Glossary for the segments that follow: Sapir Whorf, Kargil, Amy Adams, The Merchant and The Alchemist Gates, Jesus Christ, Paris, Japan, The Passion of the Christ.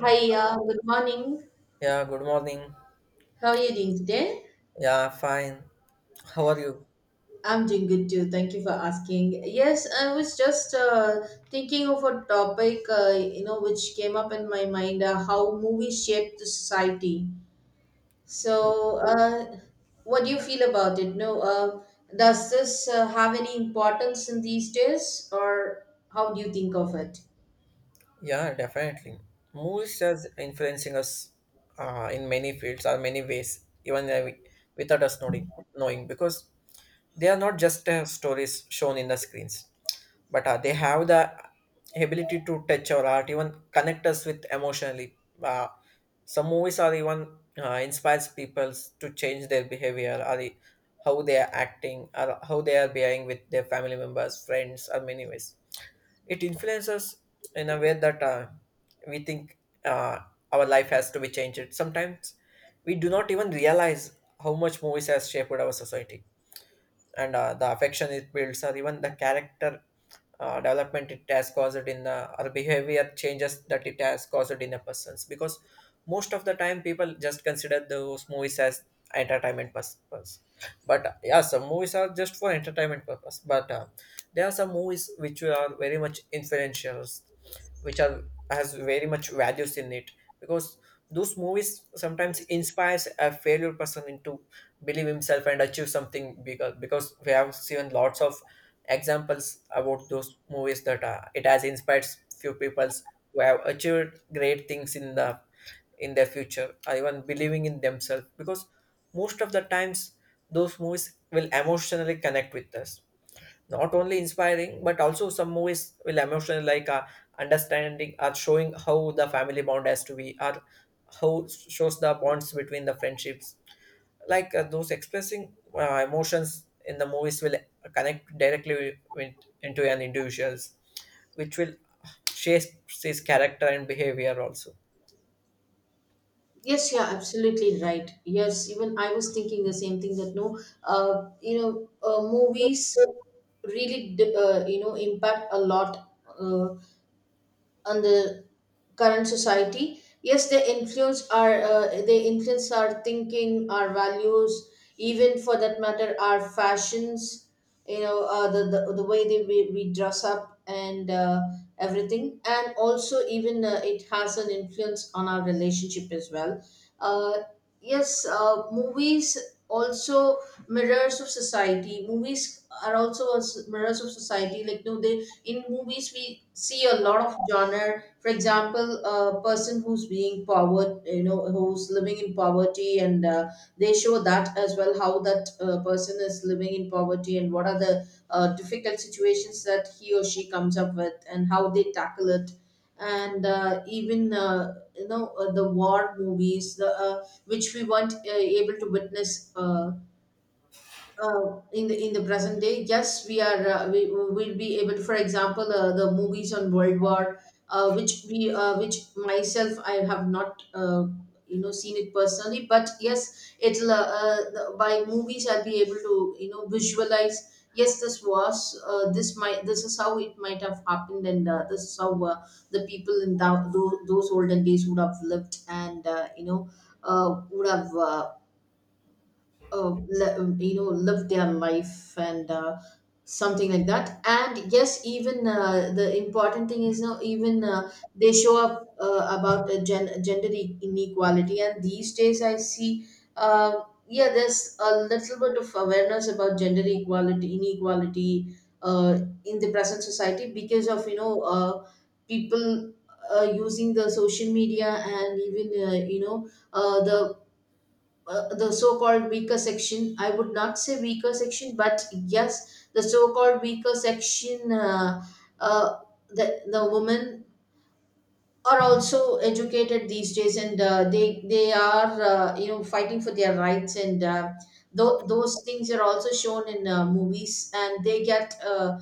Yeah, Hi, good morning. Yeah, good morning. How are you doing today? Yeah, fine. How are you? I'm doing good too. Thank you for asking. Yes, I was just thinking of a topic, which came up in my mind, how movies shape the society. So, what do you feel about it? No, does this have any importance in these days, or how do you think of it? Yeah, definitely. Movies just influencing us in many fields or many ways, even without us knowing, because they are not just stories shown in the screens, but they have the ability to touch our art, even connect us with emotionally. uh, some movies are even inspires people to change their behavior or how they are acting or how they are behaving with their family members, friends, or many ways it influences in a way that we think uh, our life has to be changed. Sometimes we do not even realize how much movies has shaped our society and the affection it builds or even the character development it has caused in the or behavior changes that it has caused in a person's, because most of the time people just consider those movies as entertainment purpose, but yeah, some movies are just for entertainment purpose, but there are some movies which are very much influential, which are has very much values in it, because those movies sometimes inspires a failure person into believe himself and achieve something bigger, because we have seen lots of examples about those movies that it has inspired few peoples who have achieved great things in the in their future or even believing in themselves, because most of the times those movies will emotionally connect with us, not only inspiring but also some movies will emotionally, like understanding or showing how the family bond has to be or how shows the bonds between the friendships, like those expressing emotions in the movies will connect directly with, into an individuals, which will shape his character and behavior also. Yes, yeah, absolutely right. Yes, even I was thinking the same thing that no, movies really, impact a lot. On the current society, yes, they influence our thinking, our values, even for that matter our fashions, the way we dress up, and everything. And also, even it has an influence on our relationship as well. Uh, yes, movies also mirrors of society, movies are also as mirrors of society, like no, they in movies we see a lot of genre. For example, a person who's being power, who's living in poverty, and they show that as well, how that person is living in poverty, and what are the difficult situations that he or she comes up with and how they tackle it. And even the war movies, the which we weren't able to witness in the present day. Yes, we are we will be able. For example, the movies on World War, which we which myself I have not. You know, seen it personally, but yes, it'll by movies I'll be able to visualize. Yes, this was this is how it might have happened, and this is how the people in those olden days would have lived, and would have live their life, and something like that. And yes, even the important thing is now, even they show up about gender inequality. And these days I see uh, yeah, there's a little bit of awareness about gender equality inequality in the present society, because of people using the social media, and even the so-called weaker section. I would not say weaker section, but yes, the so-called weaker section, uh, the women are also educated these days, and they are fighting for their rights, and those things are also shown in movies, and they get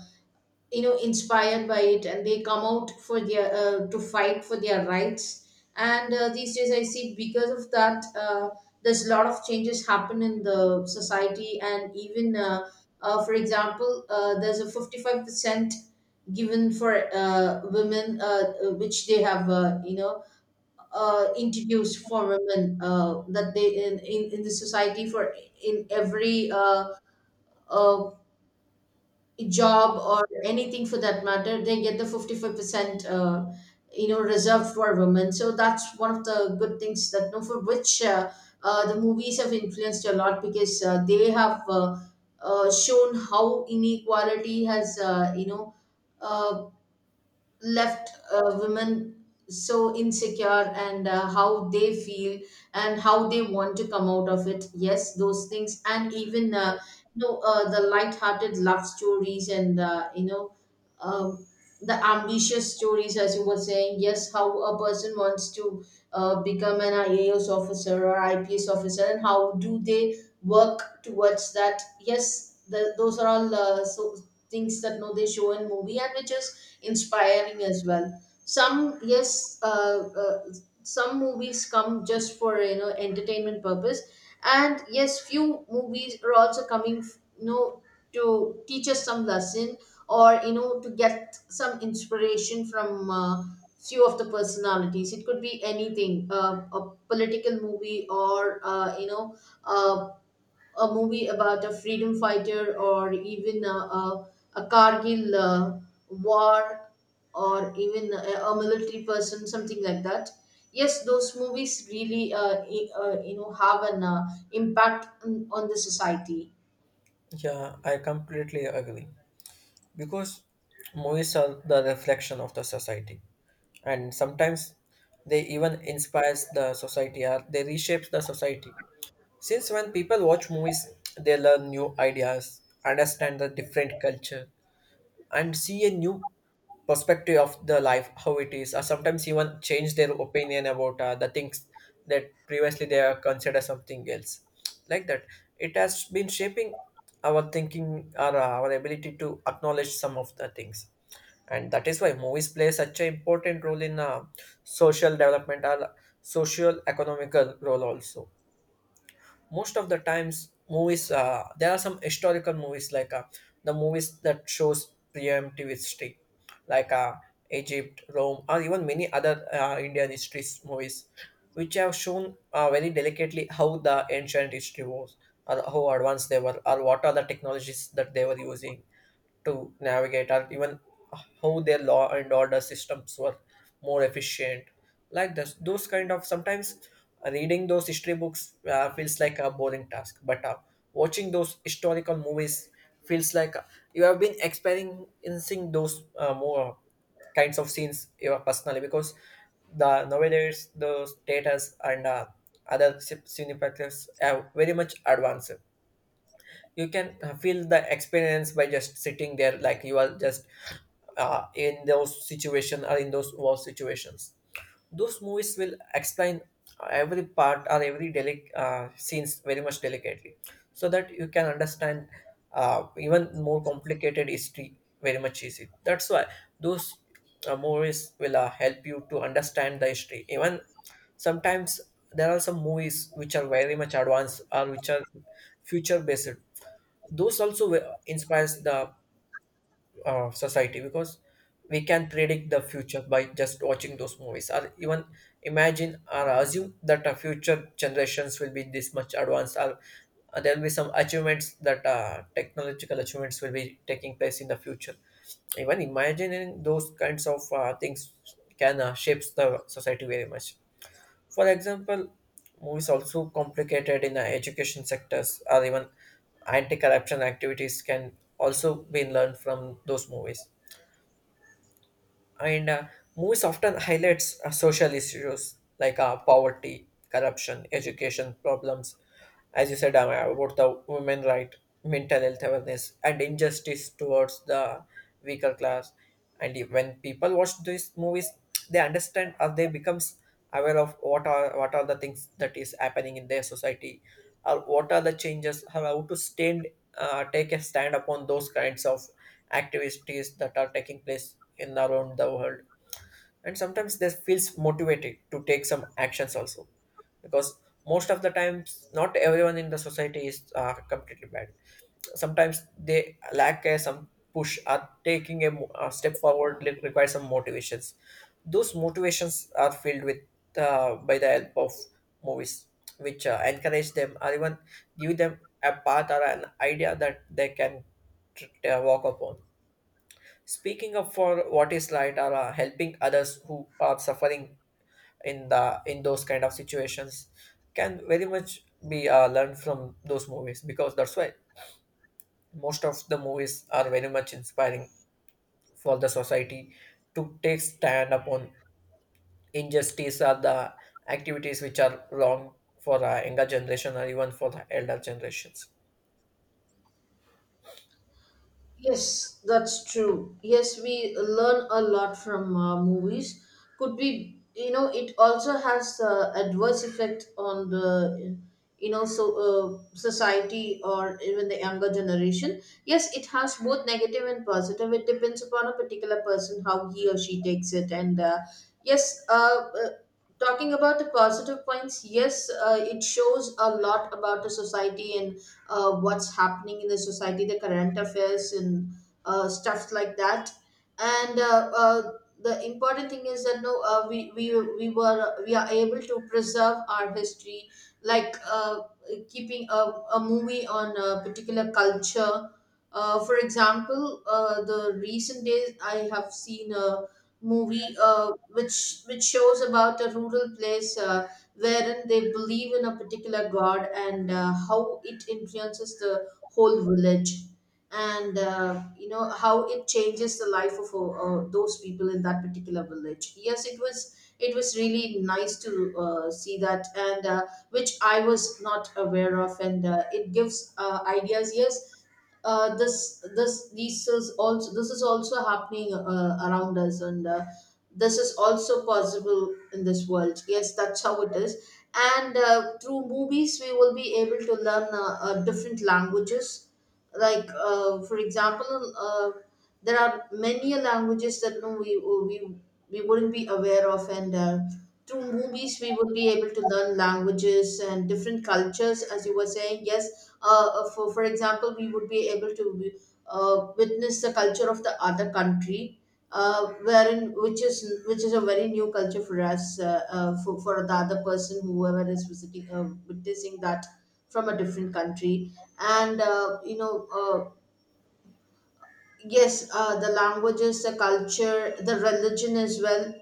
inspired by it, and they come out for their to fight for their rights. And these days I see, because of that there's a lot of changes happen in the society. And even for example, there's a 55% given for women which they have introduced for women, that they in the society, for in every uh, job or anything for that matter, they get the 55% reserved for women. So that's one of the good things that no, for which the movies have influenced a lot, because they have shown how inequality has uh, left women so insecure, and how they feel, and how they want to come out of it. Yes, those things. And even the light-hearted love stories, and um, the ambitious stories, as you were saying. Yes, how a person wants to become an IAS officer or IPS officer, and how do they work towards that. Yes, those are all so things that no, they show in movie, and which is inspiring as well. Some, yes, some movies come just for entertainment purpose, and yes, few movies are also coming, you know to teach us some lesson, or to get some inspiration from few of the personalities. It could be anything, a political movie, or a movie about a freedom fighter, or even a, a Kargil war, or even a military person, something like that. Yes, those movies really, have an impact on the society. Yeah, I completely agree, because movies are the reflection of the society, and sometimes they even inspires the society or they reshape the society, since when people watch movies they learn new ideas, understand the different culture, and see a new perspective of the life, how it is, or sometimes even change their opinion about the things that previously they are considered something else like that. It has been shaping our thinking or our ability to acknowledge some of the things, and that is why movies play such an important role in social development or social economical role also. Most of the times movies, there are some historical movies, like the movies that shows preemptive history, like Egypt, Rome, or even many other Indian history movies, which have shown very delicately how the ancient history was or how advanced they were or what are the technologies that they were using to navigate or even how their law and order systems were more efficient. Like this, those kind of sometimes reading those history books feels like a boring task, but watching those historical movies feels like you have been experiencing those more kinds of scenes personally, because the nowadays the status and other cinematographies have very much advanced. You can feel the experience by just sitting there like you are just in those situation or in those war situations. Those movies will explain every part or every scenes very much delicately, so that you can understand even more complicated history very much easy. That's why those movies will help you to understand the history even. Sometimes there are some movies which are very much advanced or which are future based. Those also inspires the society, because we can predict the future by just watching those movies, or even imagine or assume that future generations will be this much advanced, or there will be some achievements that technological achievements will be taking place in the future. Even imagining those kinds of things can shapes the society very much. For example, movies also complicated in the education sectors, or even anti-corruption activities can also be learned from those movies. And movies often highlights social issues, like poverty, corruption, education problems, as you said, about the women right, mental health awareness, and injustice towards the weaker class. And when people watch these movies, they understand or they becomes aware of what are the things that is happening in their society, or what are the changes, or how to stand take a stand upon those kinds of activities that are taking place in around the world. And sometimes they feels motivated to take some actions also, because most of the times not everyone in the society is completely bad. Sometimes they lack a, some push, or taking a, a step forward requires some motivations. Those motivations are filled with by the help of movies, which encourage them or even give them a path or an idea that they can walk upon. Speaking up for what is right, or helping others who are suffering in the in those kind of situations can very much be learned from those movies, because that's why most of the movies are very much inspiring for the society to take stand upon injustice or the activities which are wrong for younger generation or even for the elder generations. Yes, that's true. Yes, we learn a lot from movies. Could be, it also has adverse effect on the, so society, or even the younger generation. Yes, it has both negative and positive. It depends upon a particular person how he or she takes it. And yes, talking about the positive points, yes, it shows a lot about the society, and what's happening in the society, the current affairs, and stuff like that. And the important thing is that no, we are able to preserve our history, like keeping a movie on a particular culture. For example, the recent days I have seen a movie which shows about a rural place. Wherein they believe in a particular god, and how it influences the whole village, and how it changes the life of those people in that particular village. Yes, it was, it was really nice to see that, and which I was not aware of, and it gives ideas. Yes, this this these is also, this is also happening around us, and this is also possible in this world. Yes, that's how it is. And through movies we will be able to learn different languages. Like for example, there are many languages that no, we we wouldn't be aware of, and through movies we would be able to learn languages and different cultures. As you were saying, yes, for example, we would be able to witness the culture of the other country. Wherein which is a very new culture for us, for the other person whoever is visiting, witnessing that from a different country. And yes, the languages, the culture, the religion as well.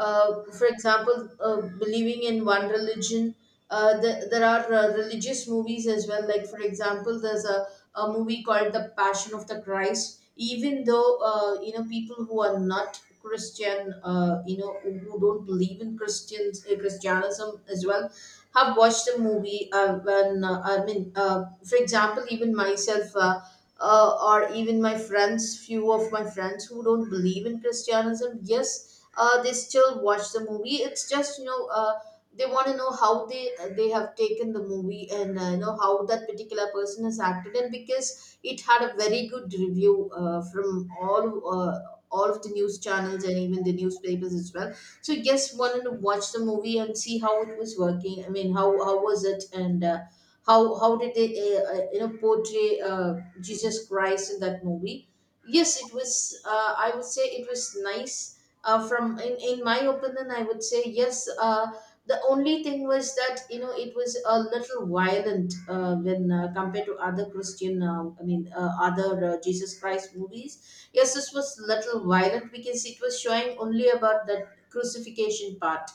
For example, believing in one religion. There are religious movies as well. Like, for example, there's a, movie called The Passion of the Christ. Even though, people who are not Christian, who don't believe in Christians, Christianism as well, have watched the movie. When, I mean, for example, even myself, or even my friends, few of my friends who don't believe in Christianism, yes, they still watch the movie. It's just they want to know how they have taken the movie, and how that particular person has acted. And because it had a very good review from all. All of the news channels, and even the newspapers as well. So yes, wanted to watch the movie and see how it was working. I mean, how was it, and how did they portray Jesus Christ in that movie? Yes, it was. I would say it was nice from in my opinion, I would say yes. The only thing was that it was a little violent when compared to other christian other jesus christ movies. Yes, this was little violent because it was showing only about the crucifixion part,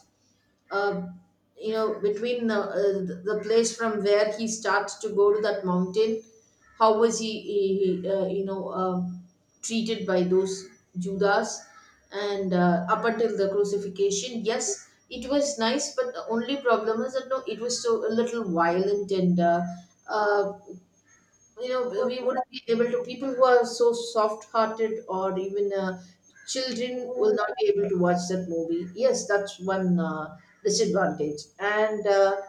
uh, between the place from where he starts to go to that mountain. How was he treated by those Judas, and up until the crucifixion. Yes, it was nice, but the only problem is that no, it was so a little violent. And uh, uh, you know we wouldn't be able to, people who are so soft hearted, or even children will not be able to watch that movie. Yes, that's one disadvantage. And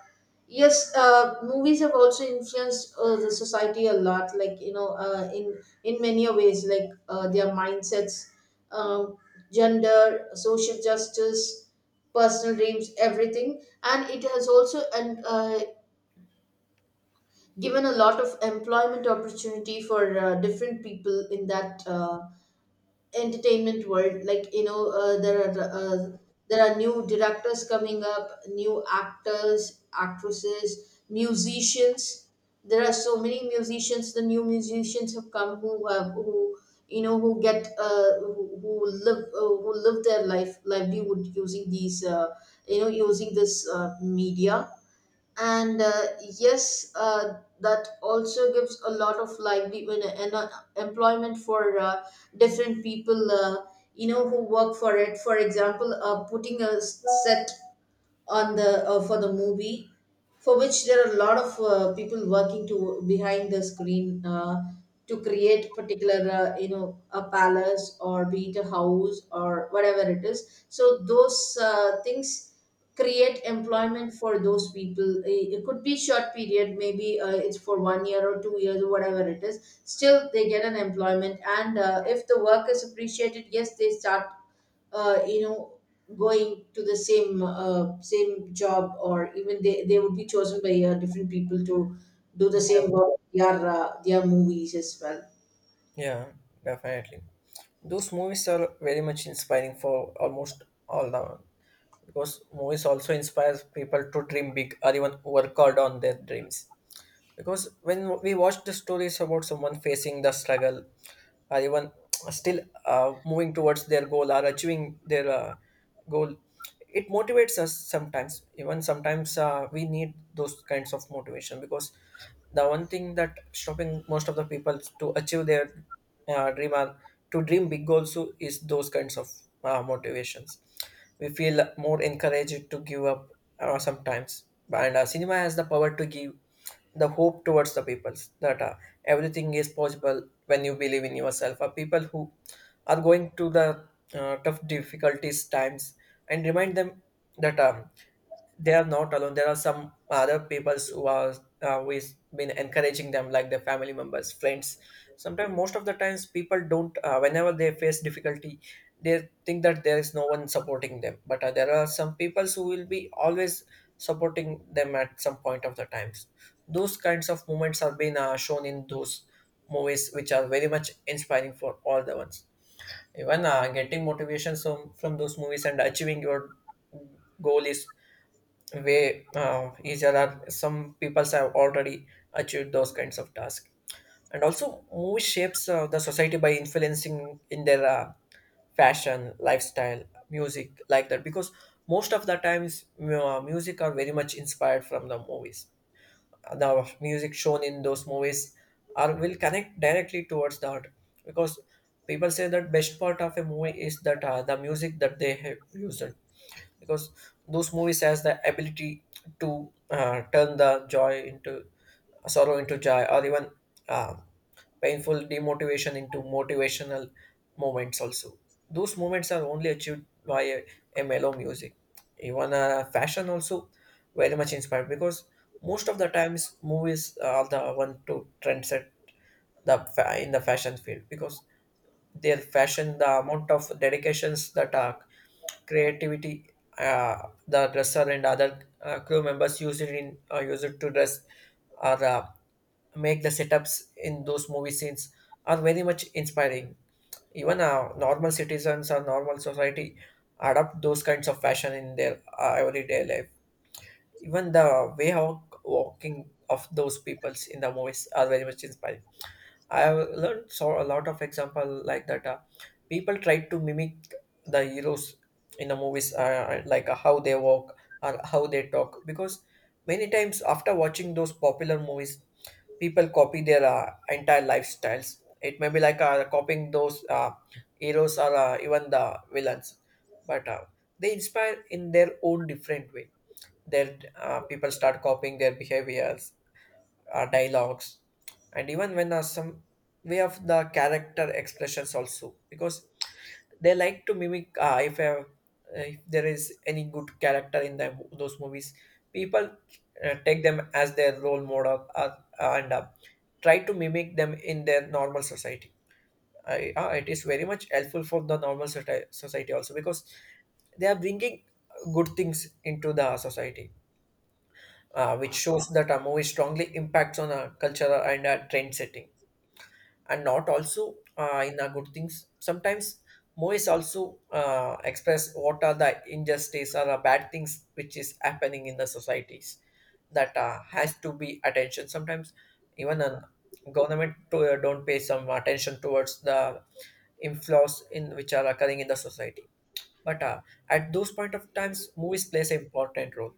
Yes, movies have also influenced the society a lot, like in many ways, like their mindsets, um, gender, social justice, personal dreams, everything. And it has also and given a lot of employment opportunity for different people in that entertainment world. Like, there are new directors coming up, new actors, actresses, musicians. There are so many musicians, the new musicians have come who have who you know who get who live their life, livelihood, using these you know using this media. And Yes, that also gives a lot of livelihood and employment for different people who work for it. For example, putting a set on the for the movie, for which there are a lot of people working to behind the screen to create particular, a palace or be it a house or whatever it is. So those things create employment for those people. It could be short period, maybe it's for 1 year or 2 years or whatever it is. Still they get an employment. And if the work is appreciated, yes, they start uh, you know going to the same job, or even they would be chosen by different people to do the same work, their movies as well. Yeah, definitely. Those movies are very much inspiring for almost all the, because movies also inspires people to dream big or even work hard on their dreams, because when we watch the stories about someone facing the struggle, are even still moving towards their goal or achieving their goal, it motivates us sometimes. Even sometimes we need those kinds of motivation, because the one thing that stopping most of the people to achieve their dream or to dream big goals too is those kinds of motivations. We feel more encouraged to give up sometimes, and cinema has the power to give the hope towards the peoples that everything is possible when you believe in yourself, are people who are going to the tough difficulties times and remind them that they are not alone. There are some other peoples who are who is been encouraging them, like their family members, friends. Sometimes, most of the times, people don't. Whenever they face difficulty, they think that there is no one supporting them. But there are some peoples who will be always supporting them at some point of the times. Those kinds of moments have been shown in those movies, which are very much inspiring for all the ones. Even getting motivations from those movies and achieving your goal is way each other, some peoples have already achieved those kinds of tasks. And also movie shapes the society by influencing in their fashion, lifestyle, music, like that, because most of the times music are very much inspired from the movies. The music shown in those movies are will connect directly towards the art, because people say that best part of a movie is that the music that they have used, because those movies has the ability to turn the joy into sorrow into joy, or even uh, painful demotivation into motivational moments also. Those moments are only achieved by a mellow music. Even fashion also very much inspired, because most of the times movies are the one to trendset the in the fashion field, because their fashion, the amount of dedications that creativity, the dresser and other crew members use it in use it to dress or make the setups in those movie scenes are very much inspiring. Even normal citizens or normal society adopt those kinds of fashion in their everyday life. Even the way how walking of those peoples in the movies are very much inspiring. I have learned saw a lot of example like that. People try to mimic the heroes in the movies, like how they walk or how they talk, because many times after watching those popular movies, people copy their entire lifestyles. It may be like copying those heroes or even the villains, but they inspire in their own different way. Their people start copying their behaviors, dialogues, and even when some way of the character expressions also, because they like to mimic if there is any good character in the, those movies, people take them as their role model, and try to mimic them in their normal society. I, it is very much helpful for the normal society also, because they are bringing good things into the society, which shows that a movie strongly impacts on a cultural and a trend setting. And not also in the good things. Sometimes movies also express what are the injustice or the bad things which is happening in the societies that has to be attention. Sometimes even a government to, don't pay some attention towards the inflows in which are occurring in the society. But at those point of times, movies plays an important role.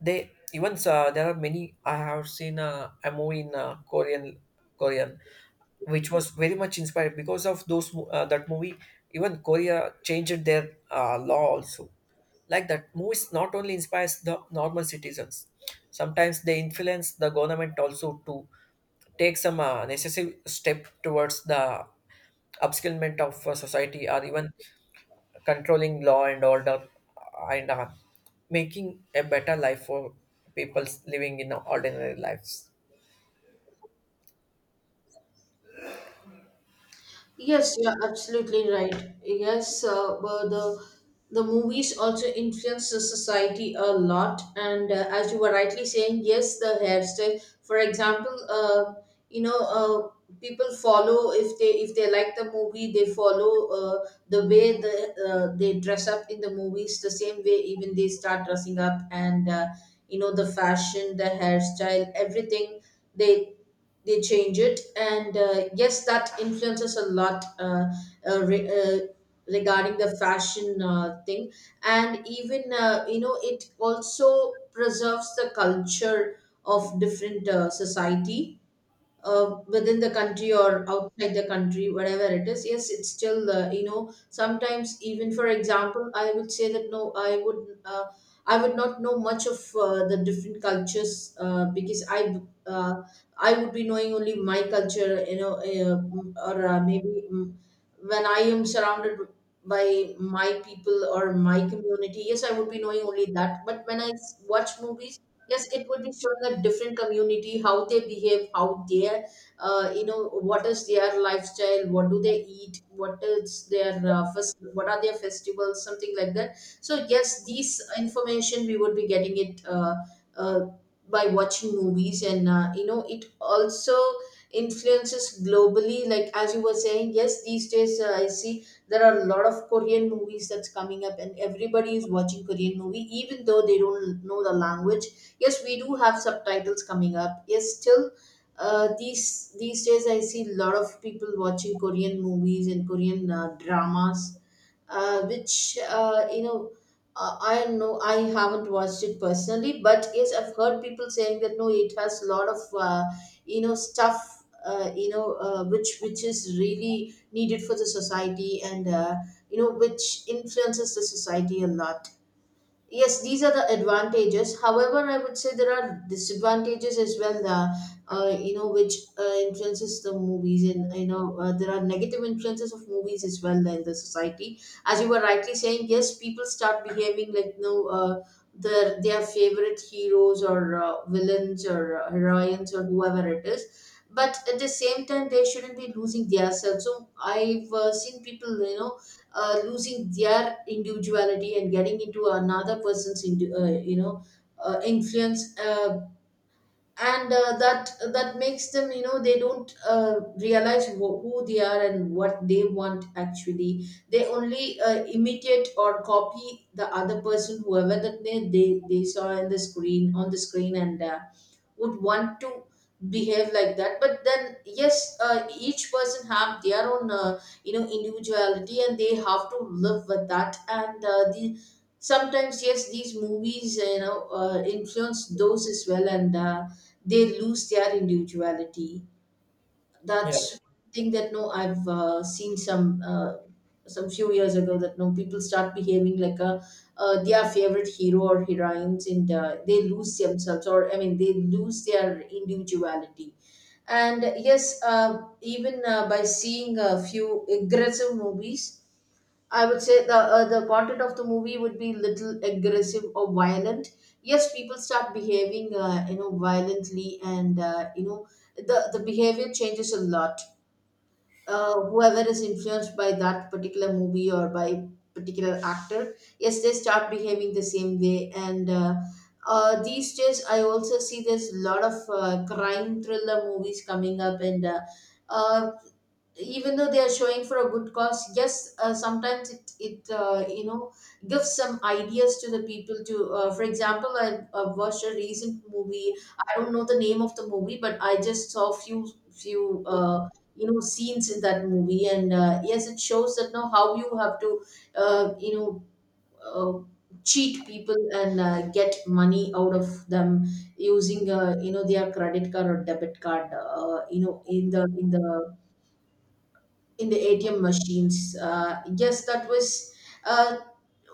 They even there are many. I have seen a movie in Korean Korean, which was very much inspired because of those that movie, even Korea changed their law also. Like that, movies not only inspires the normal citizens, sometimes they influence the government also to take some necessary step towards the upskillment of society or even controlling law and order, and making a better life for people living in ordinary lives. Yes, you're absolutely right. Yes, the movies also influence the society a lot. And as you were rightly saying, yes, the hairstyle. For example, you know, uh, people follow, if they like the movie, they follow the way the they dress up in the movies. The same way, even they start dressing up, and the fashion, the hairstyle, everything, they they change it. And yes, that influences a lot uh, re- uh, regarding the fashion thing. And even, it also preserves the culture of different society within the country or outside the country, whatever it is. Yes, it's still, sometimes, even for example, I would say that no, I would not know much of the different cultures because uh, I would be knowing only my culture, you know, or maybe when I am surrounded by my people or my community. Yes, I would be knowing only that. But when I watch movies, yes, it would be showing a different community, how they behave, how their, what is their lifestyle, what do they eat, what are their festivals, something like that. So yes, these information we would be getting it uh, by watching movies. And it also influences globally. Like as you were saying, yes, these days I see there are a lot of Korean movies that's coming up, and everybody is watching Korean movie, even though they don't know the language. Yes, we do have subtitles coming up. Yes, still, these days I see a lot of people watching Korean movies and Korean dramas, which you know. I know I haven't watched it personally, but yes, I've heard people saying that no, it has a lot of stuff, which is really needed for the society. And which influences the society a lot. Yes, these are the advantages. However, I would say there are disadvantages as well. You know, which Influences the movies, and there are negative influences of movies as well in the society. As you were rightly saying, yes, people start behaving like, their favorite heroes or villains or heroines or whoever it is. But at the same time, they shouldn't be losing themselves. So I've seen people, losing their individuality and getting into another person's influence. And That that makes them, you know, they don't realize who they are and what they want. Actually, they only imitate or copy the other person, whoever that they saw in the screen, on the screen. And would want to behave like that. But then yes, each person have their own individuality, and they have to live with that. And uh, the sometimes, yes, these movies, you know, influence those as well. And they lose their individuality. Yeah. That's one thing that no, I've seen some few years ago, that no, people start behaving like a their favorite hero or heroines, and they lose themselves, or I mean, they lose their individuality. And yes, even by seeing a few aggressive movies, I would say the content of the movie would be little aggressive or violent. Yes, people start behaving, violently. And the behavior changes a lot. Whoever is influenced by that particular movie or by particular actor, yes, they start behaving the same way. And these days, I also see there's a lot of crime thriller movies coming up. And uh, Even though they are showing for a good cause, yes, sometimes it gives some ideas to the people to, for example, I watched a recent movie. I don't know the name of the movie, but I just saw few scenes in that movie. And yes, it shows that now how you have to uh, you know uh, cheat people and get money out of them using, their credit card or debit card, in the ATM machines. Yes, that was, uh,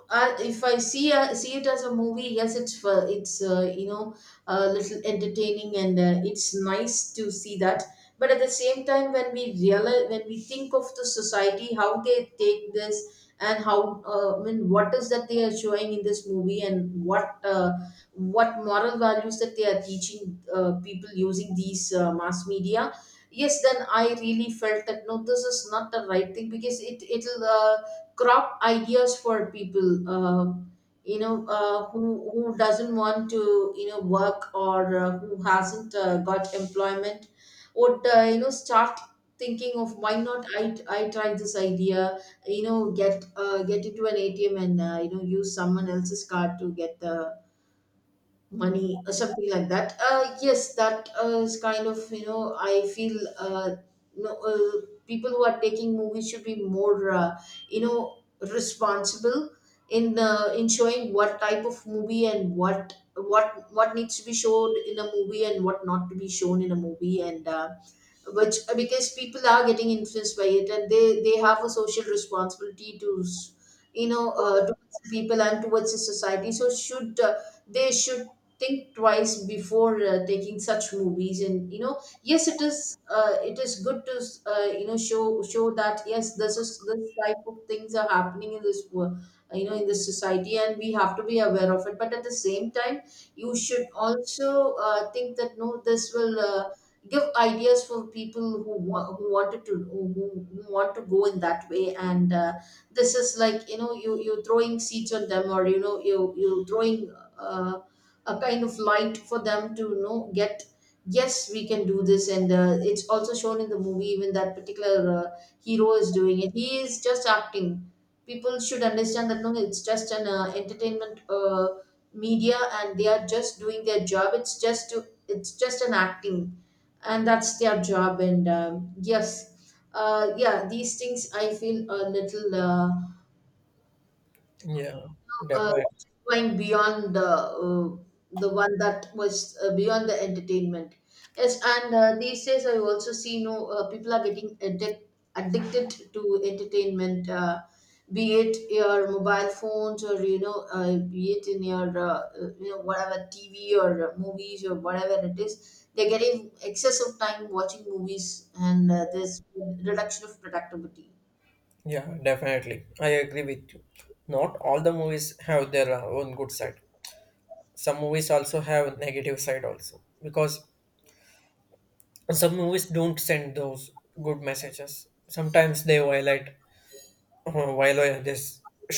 if I see see it as a movie, yes, it's a little entertaining, and it's nice to see that. But at the same time, when we realize, when we think of the society, how they take this and how, I mean, what is that they are showing in this movie, and what moral values that they are teaching people using these mass media. Yes, then I really felt that no, this is not the right thing, because it'll crop ideas for people, you know uh, who who doesn't want to, you know, work, or who hasn't got employment, would start thinking of why not I try this idea, you know, get into an ATM and, use someone else's card to get the money or something like that. Yes, that is kind of, you know, I feel, no, people who are taking movies should be more, responsible in showing what type of movie and what what needs to be shown in a movie and what not to be shown in a movie. And which Because people are getting influenced by it, and they have a social responsibility to s- you know towards the people and towards the society. So should they should think twice before taking such movies. And you know, yes, it is good to, show that yes, this type of things are happening in this world, you know, in this society, and we have to be aware of it. But at the same time, you should also think that no, this will give ideas for people who wanted to, who want to go in that way. And This is like, you know, you throwing seeds on them, or you know, you throwing uh, a kind of light for them to, you know, get yes, we can do this. And it's also shown in the movie, even that particular hero is doing it, he is just acting. People should understand that no, it's just an entertainment media, and they are just doing their job. It's just an acting, and that's their job. And yes, yeah, these things I feel a little, Yeah, uh, definitely. going beyond the one that was, beyond the entertainment. Yes, and these days I also see, no, people are getting addicted to entertainment, be it your mobile phones, or you know, be it in your whatever, TV or movies or whatever it is. They're getting excessive time watching movies, and there's reduction of productivity. Yeah, definitely. I agree with you. Not all the movies have their own good side. Some movies also have negative side also, because some movies don't send those good messages. Sometimes they violate this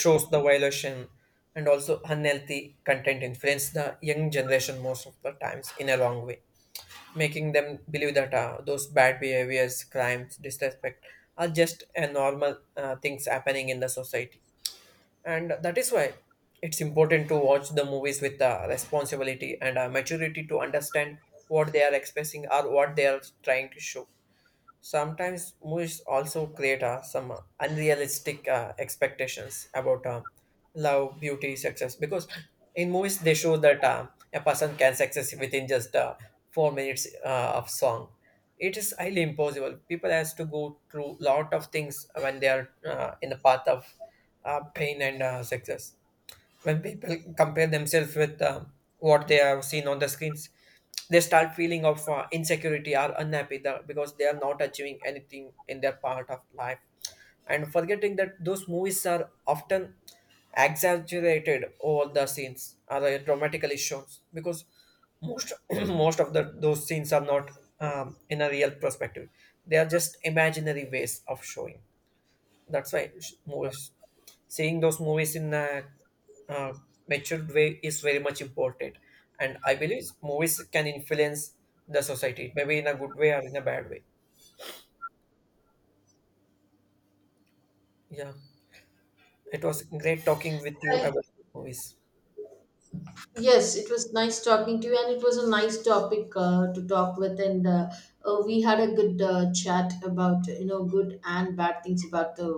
shows the violation, and also unhealthy content influence the young generation most of the times in a wrong way, making them believe that those bad behaviors, crimes, disrespect are just a normal things happening in the society. And that is why it's important to watch the movies with the responsibility and a maturity to understand what they are expressing or what they are trying to show. Sometimes movies also create some unrealistic expectations about love, beauty, success. Because in movies they show that a person can success within just 4 minutes of song. It is highly impossible. People has to go through lot of things when they are in the path of pain and success. When people compare themselves with what they have seen on the screens, they start feeling of insecurity or unhappy because they are not achieving anything in their part of life, and forgetting that those movies are often exaggerated over the scenes or dramatically shown, because most most of the those scenes are not um, in a real perspective. They are just imaginary ways of showing. That's why movies, seeing those movies in a uh, matured way is very much important. And I believe movies can influence the society, maybe in a good way or in a bad way. Yeah, it was great talking with you I... about movies. Yes, it was nice talking to you, and it was a nice topic to talk with. And We had a good chat about, you know, good and bad things about the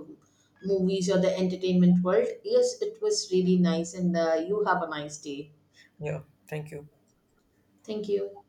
movies or the entertainment world. Yes, it was really nice, and you have a nice day. Yeah, thank you. Thank you.